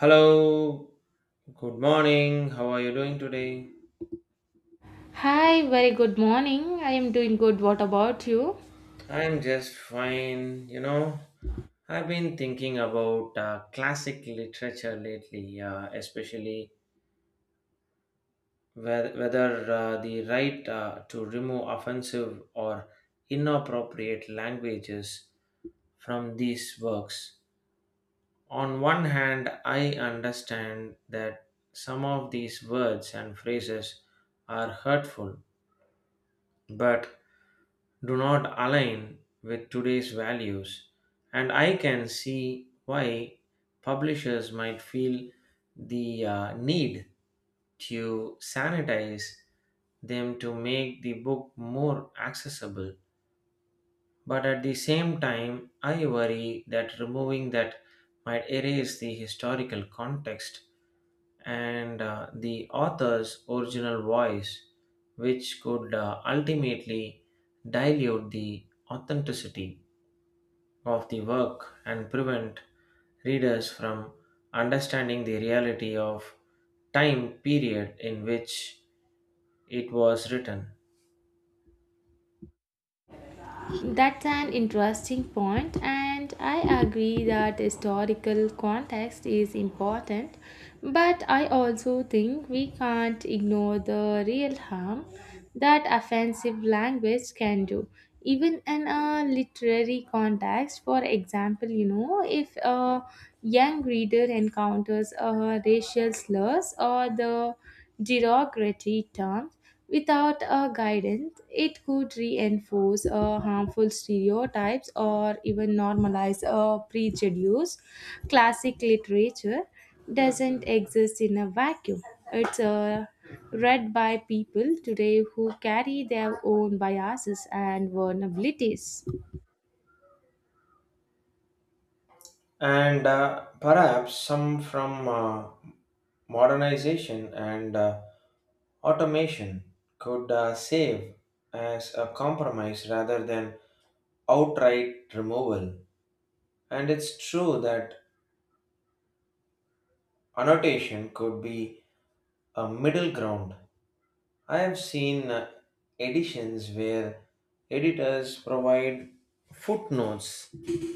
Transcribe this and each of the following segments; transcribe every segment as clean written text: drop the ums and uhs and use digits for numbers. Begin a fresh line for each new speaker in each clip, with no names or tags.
Hello, good morning. How are you doing today?
Hi, very good morning. I am doing good. What about you?
I'm just fine. You know, I've been thinking about classic literature lately, especially whether the right to remove offensive or inappropriate languages from these works. On one hand, I understand that some of these words and phrases are hurtful, but do not align with today's values, and I can see why publishers might feel the need to sanitize them to make the book more accessible. But at the same time, I worry that removing that might erase the historical context and the author's original voice, which could ultimately dilute the authenticity of the work and prevent readers from understanding the reality of time period in which it was written.
That's an interesting point, and I agree that historical context is important, but I also think we can't ignore the real harm that offensive language can do. Even in a literary context, for example, you know, if a young reader encounters racial slurs or the derogatory terms, without a guidance, it could reinforce harmful stereotypes or even normalize a prejudice. Classic literature doesn't exist in a vacuum. It's read by people today who carry their own biases and vulnerabilities.
And perhaps some from modernization and automation could save as a compromise rather than outright removal. And it's true that annotation could be a middle ground. I have seen editions where editors provide footnotes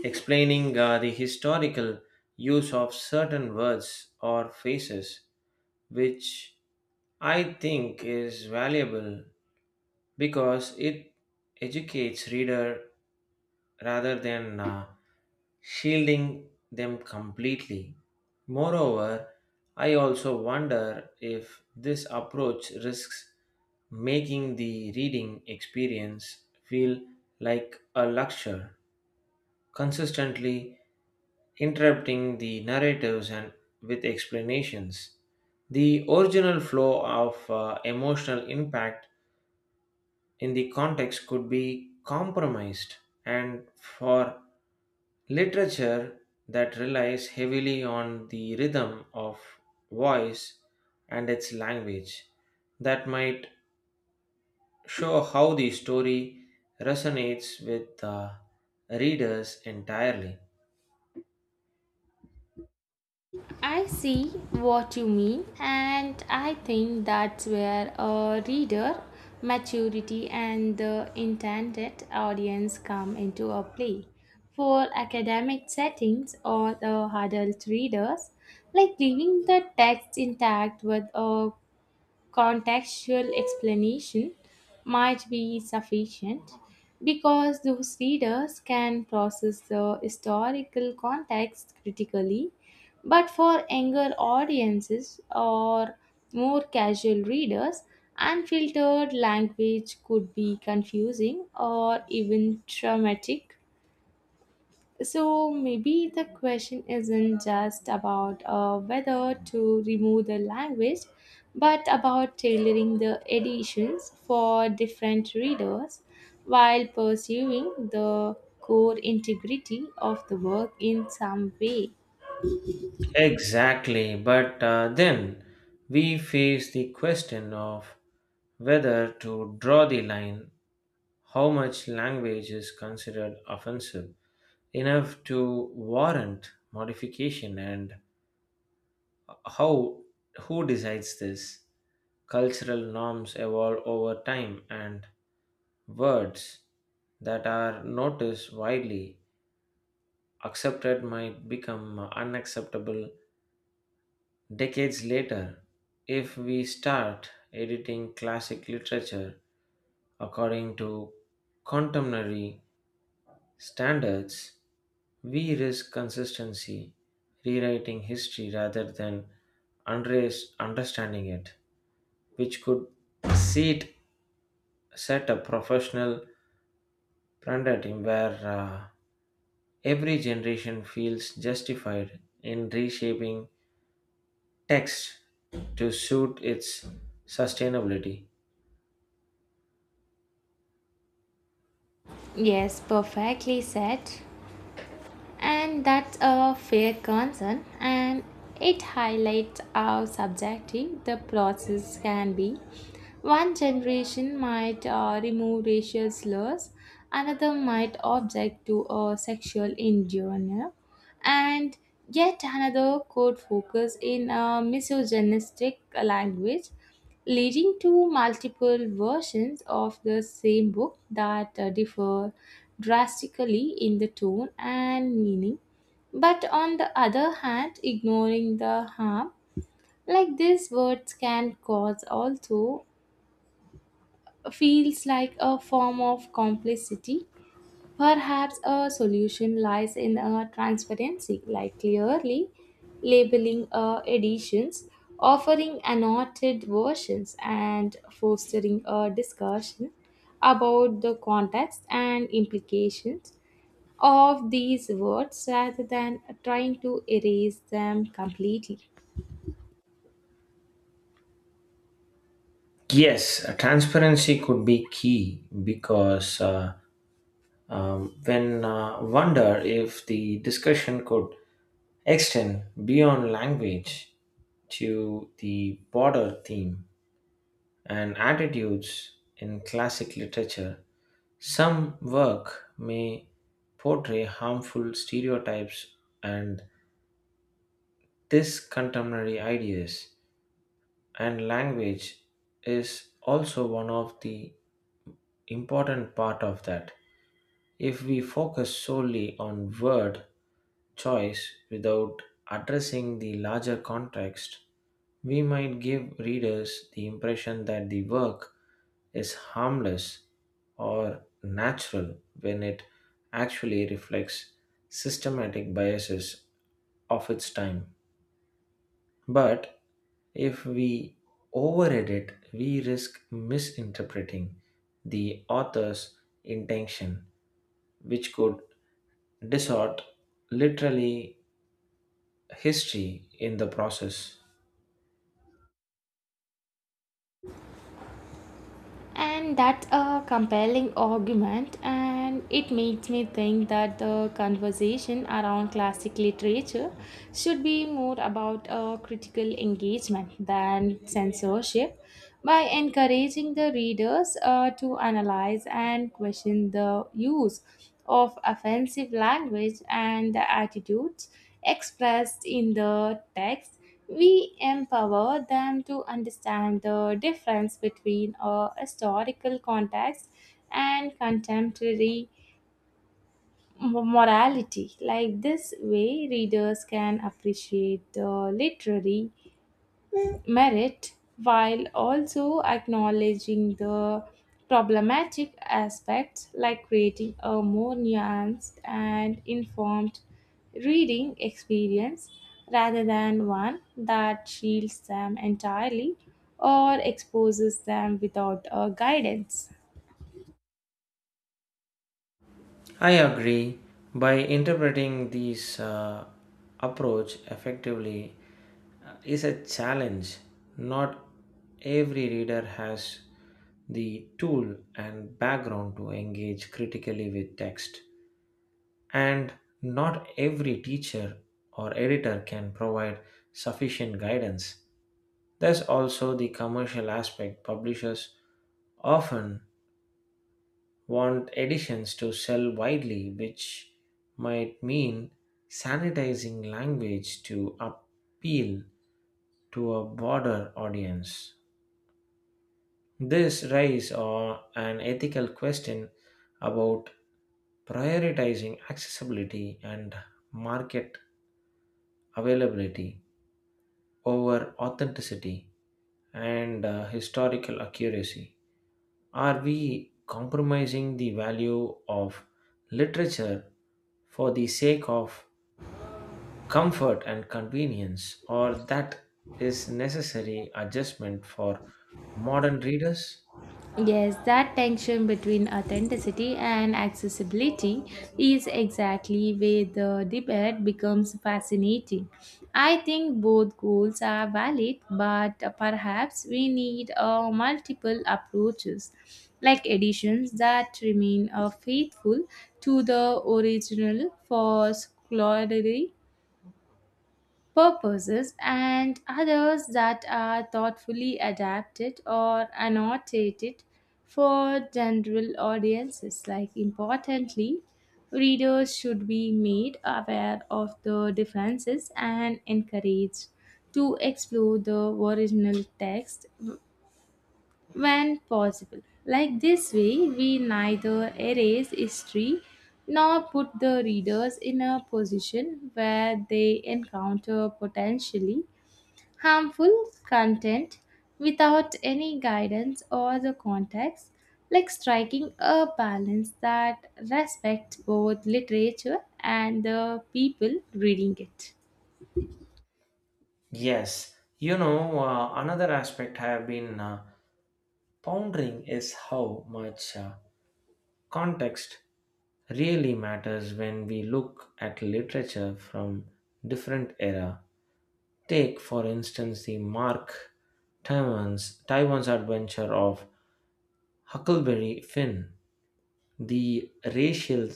explaining the historical use of certain words or phrases, which I think is valuable because it educates reader rather than shielding them completely. Moreover, I also wonder if this approach risks making the reading experience feel like a lecture, consistently interrupting the narratives and with explanations. The original flow of emotional impact in the context could be compromised, and for literature that relies heavily on the rhythm of voice and its language that might show how the story resonates with the readers entirely.
I see what you mean, and I think that's where a reader maturity and the intended audience come into a play. For academic settings or the adult readers, like leaving the text intact with a contextual explanation might be sufficient because those readers can process the historical context critically. But for younger audiences or more casual readers, unfiltered language could be confusing or even traumatic. So maybe the question isn't just about whether to remove the language, but about tailoring the editions for different readers while pursuing the core integrity of the work in some way.
Exactly, but then we face the question of whether to draw the line, how much language is considered offensive enough to warrant modification, and How who decides this? Cultural norms evolve over time and words that are noticed widely accepted might become unacceptable decades later. If we start editing classic literature according to contemporary standards, we risk consistency rewriting history rather than understanding it, which could seat set a professional paradigm where every generation feels justified in reshaping text to suit its sustainability.
Yes, perfectly said. And that's a fair concern, and it highlights how subjective the process can be. One generation might remove racial slurs, another might object to a sexual innuendo, and yet another could focus in a misogynistic language, leading to multiple versions of the same book that differ drastically in the tone and meaning. But on the other hand, ignoring the harm like these words can cause also feels like a form of complicity. Perhaps a solution lies in a transparency, like clearly labeling editions, offering annotated versions, and fostering a discussion about the context and implications of these words rather than trying to erase them completely.
Yes, transparency could be key because when wonder if the discussion could extend beyond language to the broader theme and attitudes in classic literature. Some work may portray harmful stereotypes and discontemporary ideas, and language is also one of the important part of that. If we focus solely on word choice without addressing the larger context, we might give readers the impression that the work is harmless or natural when it actually reflects systematic biases of its time. But if we over edit, we risk misinterpreting the author's intention, which could distort literally history in the process.
And that's a compelling argument, and it makes me think that the conversation around classic literature should be more about a critical engagement than censorship. By encouraging the readers to analyze and question the use of offensive language and the attitudes expressed in the text, we empower them to understand the difference between a historical context and contemporary morality. Like this way, readers can appreciate the literary merit while also acknowledging the problematic aspects, like creating a more nuanced and informed reading experience rather than one that shields them entirely or exposes them without a guidance.
I agree. By interpreting these approach effectively is a challenge. Not every reader has the tool and background to engage critically with text, and not every teacher or editor can provide sufficient guidance. There's also the commercial aspect. Publishers often want editions to sell widely, which might mean sanitizing language to appeal to a broader audience. This raises an ethical question about prioritizing accessibility and market availability over authenticity and historical accuracy. Are we compromising the value of literature for the sake of comfort and convenience, or that is necessary adjustment for modern readers?
Yes, that tension between authenticity and accessibility is exactly where the debate becomes fascinating. I think both goals are valid, but perhaps we need multiple approaches, like editions that remain faithful to the original for scholarly purposes and others that are thoughtfully adapted or annotated for general audiences. Like importantly, readers should be made aware of the differences and encouraged to explore the original text when possible. Like this way, we neither erase history nor put the readers in a position where they encounter potentially harmful content without any guidance or the context, like striking a balance that respects both literature and the people reading it.
Yes, you know, another aspect I have been pondering is how much. Context really matters when we look at literature from different era. Take for instance the Mark Twain's Taiwan's adventure of Huckleberry Finn. The racial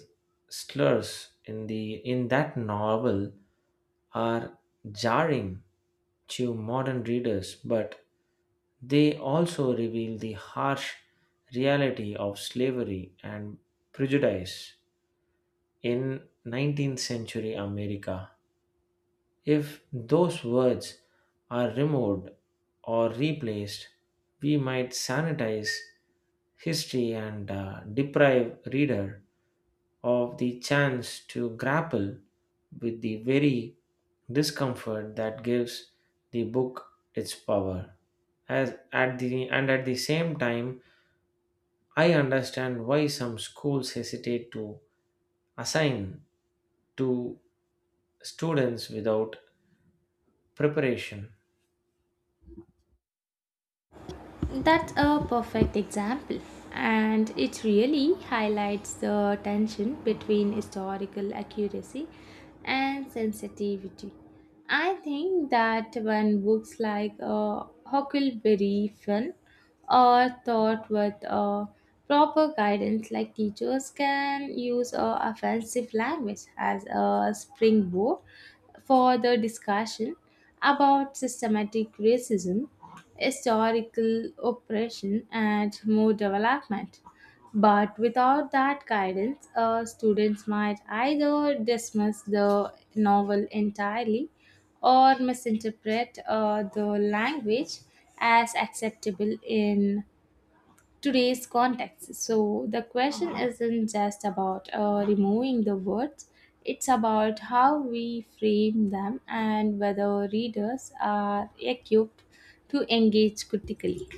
slurs in that novel are jarring to modern readers, but they also reveal the harsh reality of slavery and prejudice in 19th century America. If those words are removed or replaced, we might sanitize history and deprive reader of the chance to grapple with the very discomfort that gives the book its power. As at the and At the same time, I understand why some schools hesitate to assign to students without preparation.
That's a perfect example, and it really highlights the tension between historical accuracy and sensitivity. I think that when books like Huckleberry Finn or taught with proper guidance, like teachers can use offensive language as a springboard for the discussion about systematic racism, historical oppression, and more development. But without that guidance, students might either dismiss the novel entirely or misinterpret the language as acceptable in today's context. So the question isn't just about removing the words, it's about how we frame them and whether readers are equipped to engage critically.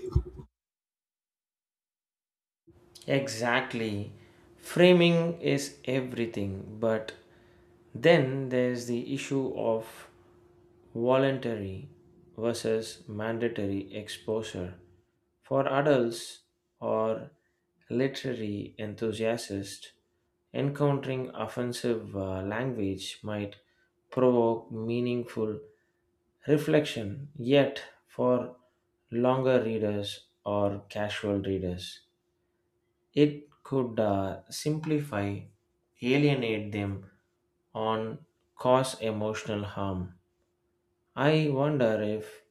Exactly. Framing is everything, but then there's the issue of voluntary versus mandatory exposure. For adults or literary enthusiasts, encountering offensive language might provoke meaningful reflection, yet, for longer readers or casual readers, it could simplify, alienate them, on cause emotional harm. I wonder if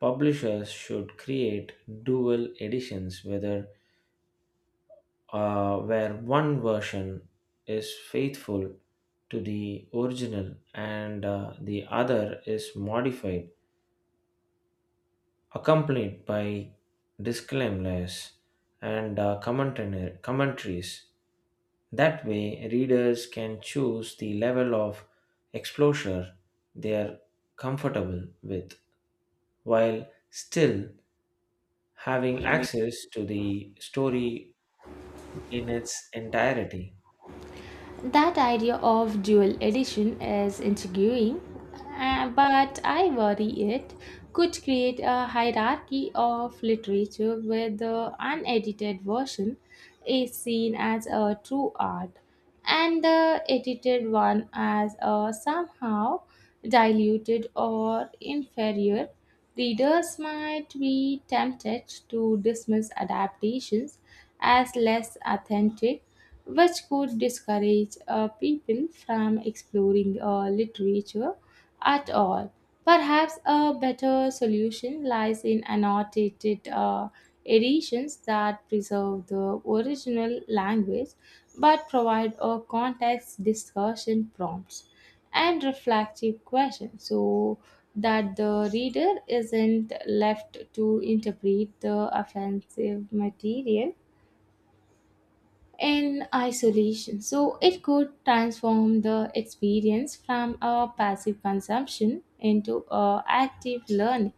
publishers should create dual editions, whether where one version is faithful to the original and the other is modified, accompanied by disclaimers and commentaries. That way, readers can choose the level of exposure they are comfortable with while still having access to the story in its entirety.
That idea of dual edition is intriguing, but I worry it could create a hierarchy of literature where the unedited version is seen as a true art and the edited one as a somehow diluted or inferior. Readers might be tempted to dismiss adaptations as less authentic, which could discourage people from exploring literature at all. Perhaps a better solution lies in annotated editions that preserve the original language but provide a context, discussion prompts, and reflective questions so that the reader isn't left to interpret the offensive material in isolation. So it could transform the experience from a passive consumption into a active learning.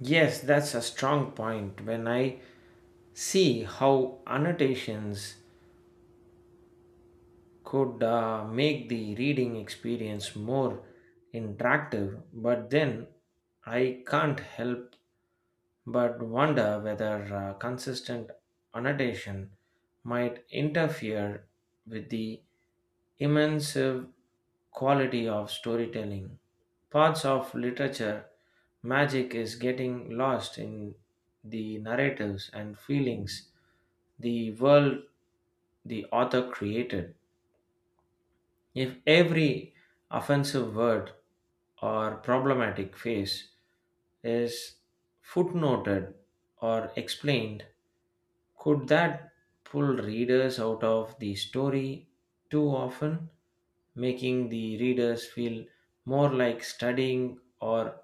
Yes, that's a strong point when I see how annotations could make the reading experience more interactive, but then I can't help but wonder whether consistent annotation might interfere with the immersive quality of storytelling. Parts of literature magic is getting lost in the narratives and feelings the world the author created. If every offensive word or problematic phrase is footnoted or explained, could that pull readers out of the story too often, making the readers feel more like studying or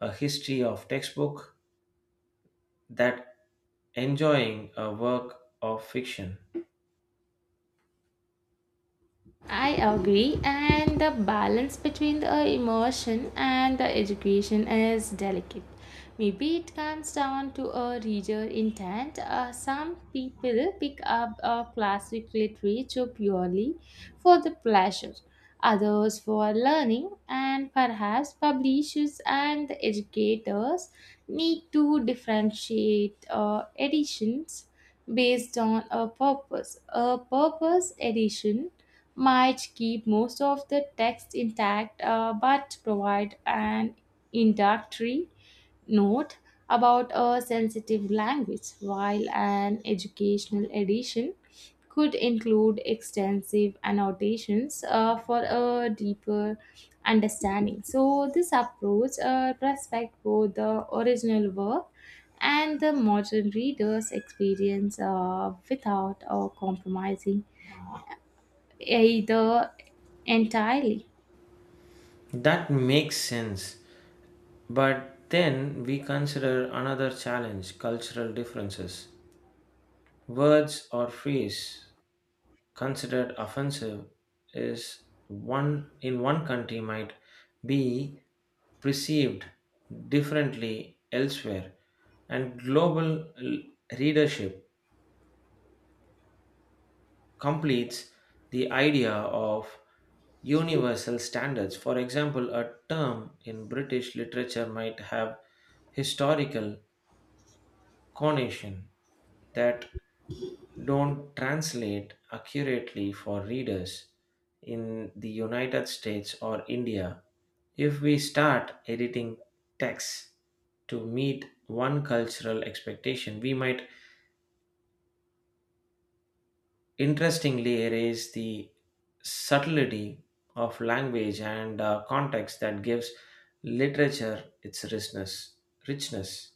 a history of textbook that enjoying a work of fiction?
I agree, and the balance between the immersion and the education is delicate. Maybe it comes down to a reader intent. Some people pick up a classic literature purely for the pleasure, others for learning, and perhaps publishers and the educators need to differentiate editions based on a purpose. A purpose edition might keep most of the text intact but provide an introductory note about a sensitive language, while an educational edition could include extensive annotations for a deeper understanding. So, this approach respects both the original work and the modern reader's experience without compromising either entirely.
That makes sense. But then we consider another challenge cultural differences. Words or phrase considered offensive is one in one country might be perceived differently elsewhere, and readership completes the idea of universal standards. For example, a term in British literature might have historical connotation that don't translate accurately for readers in the United States or India. If we start editing texts to meet one cultural expectation, we might interestingly erase the subtlety of language and context that gives literature its richness. Richness.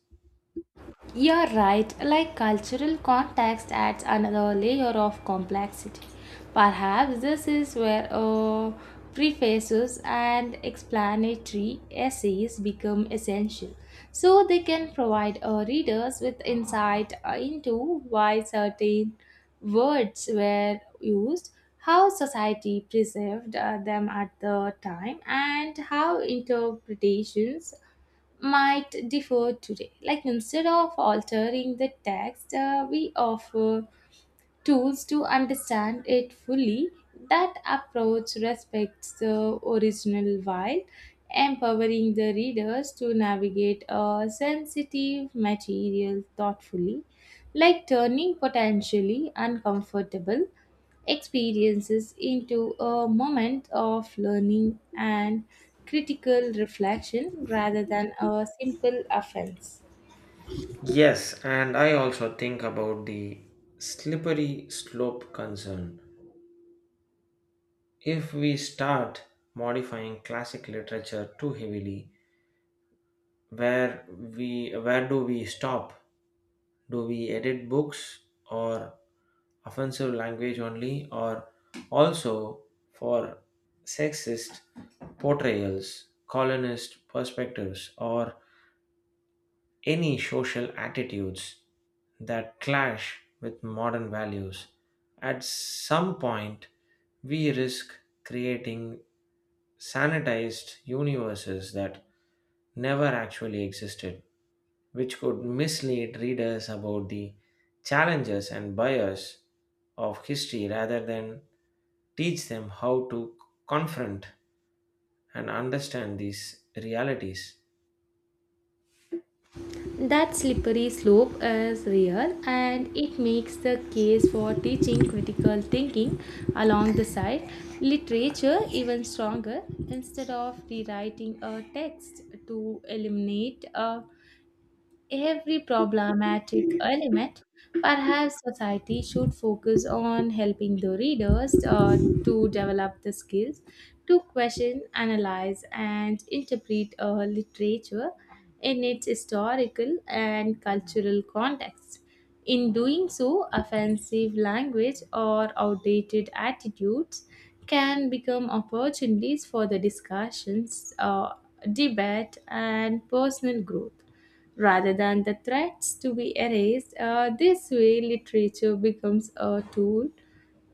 You're right, like cultural context adds another layer of complexity. Perhaps this is where prefaces and explanatory essays become essential, so they can provide readers with insight into why certain words were used, how society perceived them at the time, and how interpretations might differ today. Like instead of altering the text, we offer tools to understand it fully. That approach respects the original while empowering the readers to navigate a sensitive material thoughtfully, like turning potentially uncomfortable experiences into a moment of learning and critical reflection rather than a simple offense.
Yes, and I also think about the slippery slope concern. If we start modifying classic literature too heavily, where where do we stop? Do we edit books or offensive language only, or also for sexist portrayals, colonist perspectives, or any social attitudes that clash with modern values? At some point we risk creating sanitized universes that never actually existed, which could mislead readers about the challenges and bias of history rather than teach them how to confront and understand these realities.
That slippery slope is real, and it makes the case for teaching critical thinking along the side literature even stronger. Instead of rewriting a text to eliminate a every problematic element, perhaps society should focus on helping the readers to develop the skills to question, analyze, and interpret literature in its historical and cultural context. In doing so, offensive language or outdated attitudes can become opportunities for the discussions, debate, and personal growth rather than the threats to be erased. This way, literature becomes a tool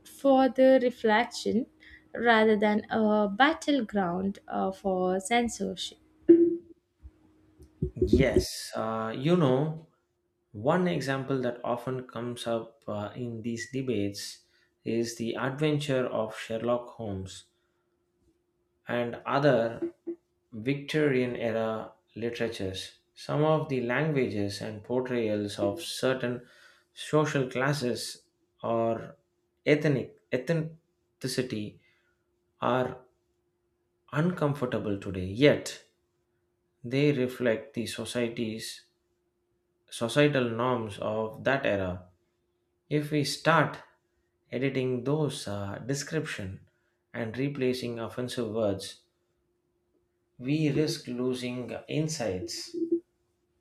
for the reflection rather than a battleground for censorship.
Yes, you know, one example that often comes up in these debates is the adventure of Sherlock Holmes and other Victorian era literatures. Some of the languages and portrayals of certain social classes or ethnicity are uncomfortable today, yet they reflect the society's societal norms of that era. If we start editing those description and replacing offensive words, we risk losing insights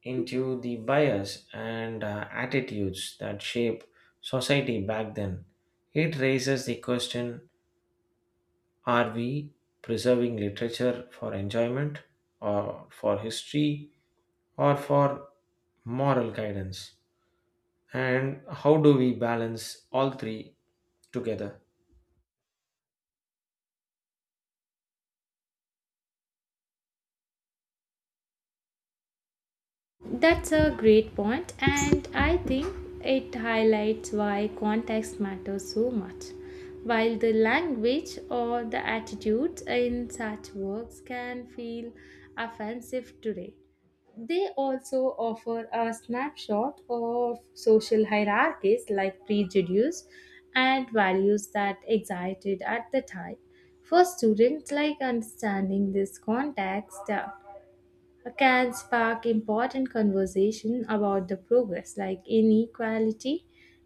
into the bias and attitudes that shape society back then. It raises the question, are we preserving literature for enjoyment, or for history, or for moral guidance? And how do we balance all three together?
That's a great point, and I think it highlights why context matters so much. While the language or the attitudes in such works can feel offensive today, they also offer a snapshot of social hierarchies, like prejudice and values that existed at the time. For students, like understanding this context, can spark important conversation about the progress, like inequality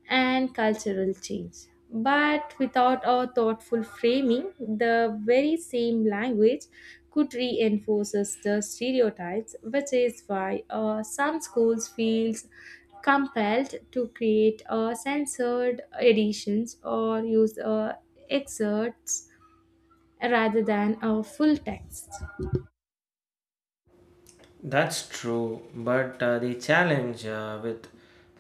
and cultural change. But without a thoughtful framing, the very same language could reinforces the stereotypes, which is why some schools feels compelled to create a censored editions or use excerpts rather than a full text.
That's true, but the challenge with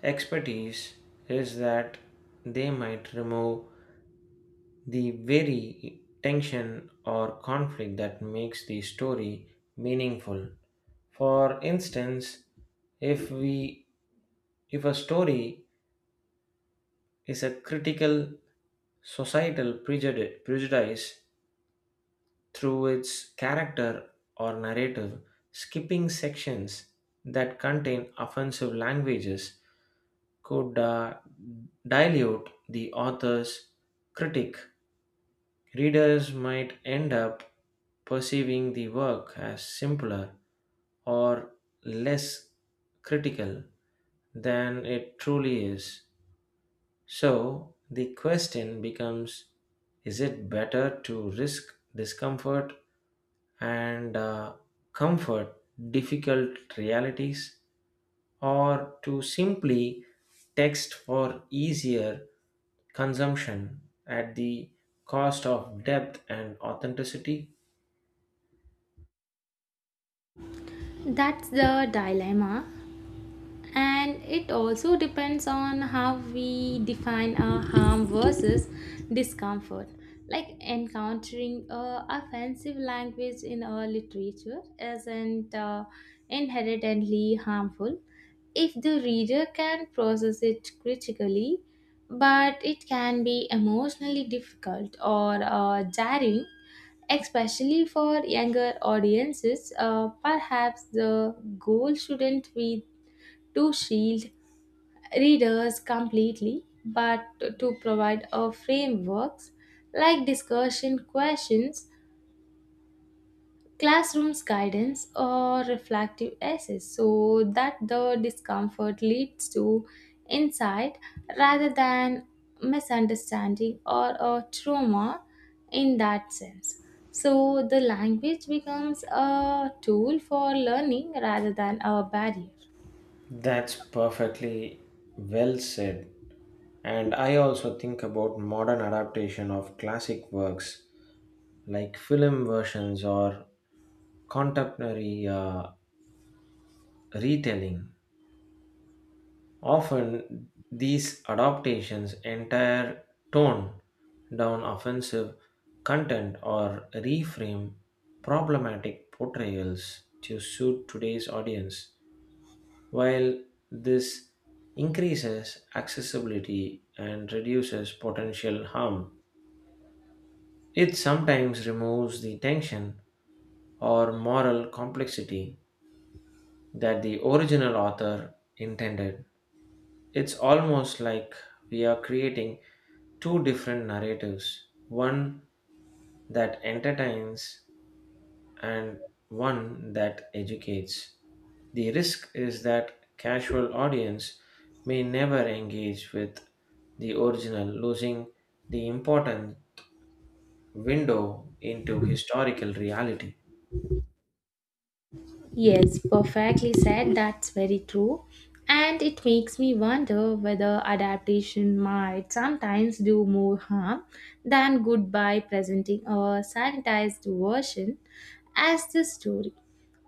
expertise is that they might remove the very tension or conflict that makes the story meaningful. For instance, if we if a story is a critical prejudice through its character or narrative, skipping sections that contain offensive languages could dilute the author's critic. Readers might end up perceiving the work as simpler or less critical than it truly is. So the question becomes, is it better to risk discomfort and comfort difficult realities, or to simply text for easier consumption at the cost of depth and authenticity?
That's the dilemma, and it also depends on how we define our harm versus discomfort. Like encountering a offensive language in our literature isn't inherently harmful if the reader can process it critically, but it can be emotionally difficult or jarring, especially for younger audiences. Perhaps the goal shouldn't be to shield readers completely, but to provide a frameworks like discussion questions, classrooms guidance, or reflective essays, so that the discomfort leads to insight rather than misunderstanding or a trauma in that sense. So the language becomes a tool for learning rather than a barrier.
That's perfectly well said. And I also think about modern adaptation of classic works like film versions or contemporary retelling. Often these adaptations entire tone down offensive content or reframe problematic portrayals to suit today's audience. While this increases accessibility and reduces potential harm, it sometimes removes the tension or moral complexity that the original author intended. It's almost like we are creating two different narratives, one that entertains and one that educates. The risk is that casual audience may never engage with the original, losing the important window into historical reality.
Yes, perfectly said. That's very true. And it makes me wonder whether adaptation might sometimes do more harm than good by presenting a sanitized version as the story.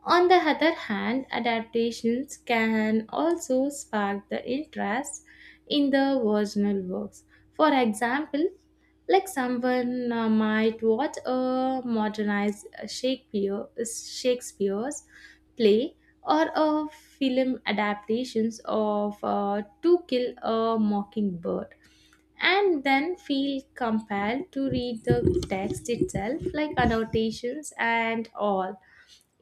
On the other hand, adaptations can also spark the interest in the original works. For example, like someone might watch a modernized Shakespeare's play or a film adaptations of To Kill a Mockingbird and then feel compelled to read the text itself, like annotations and all.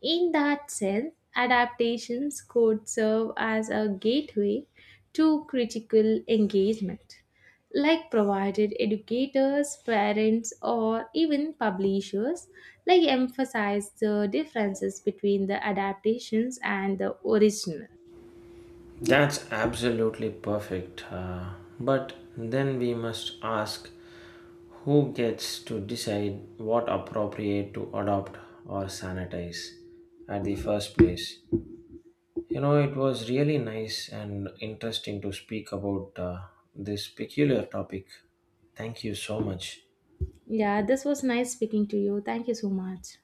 In that sense, adaptations could serve as a gateway to critical engagement, like provided educators, parents, or even publishers like emphasize the differences between the adaptations and the original.
That's absolutely perfect. But then we must ask, who gets to decide what appropriate to adopt or sanitize at the first place. You know, it was really nice and interesting to speak about this peculiar topic. Thank you so much.
Yeah, this was nice speaking to you. Thank you so much.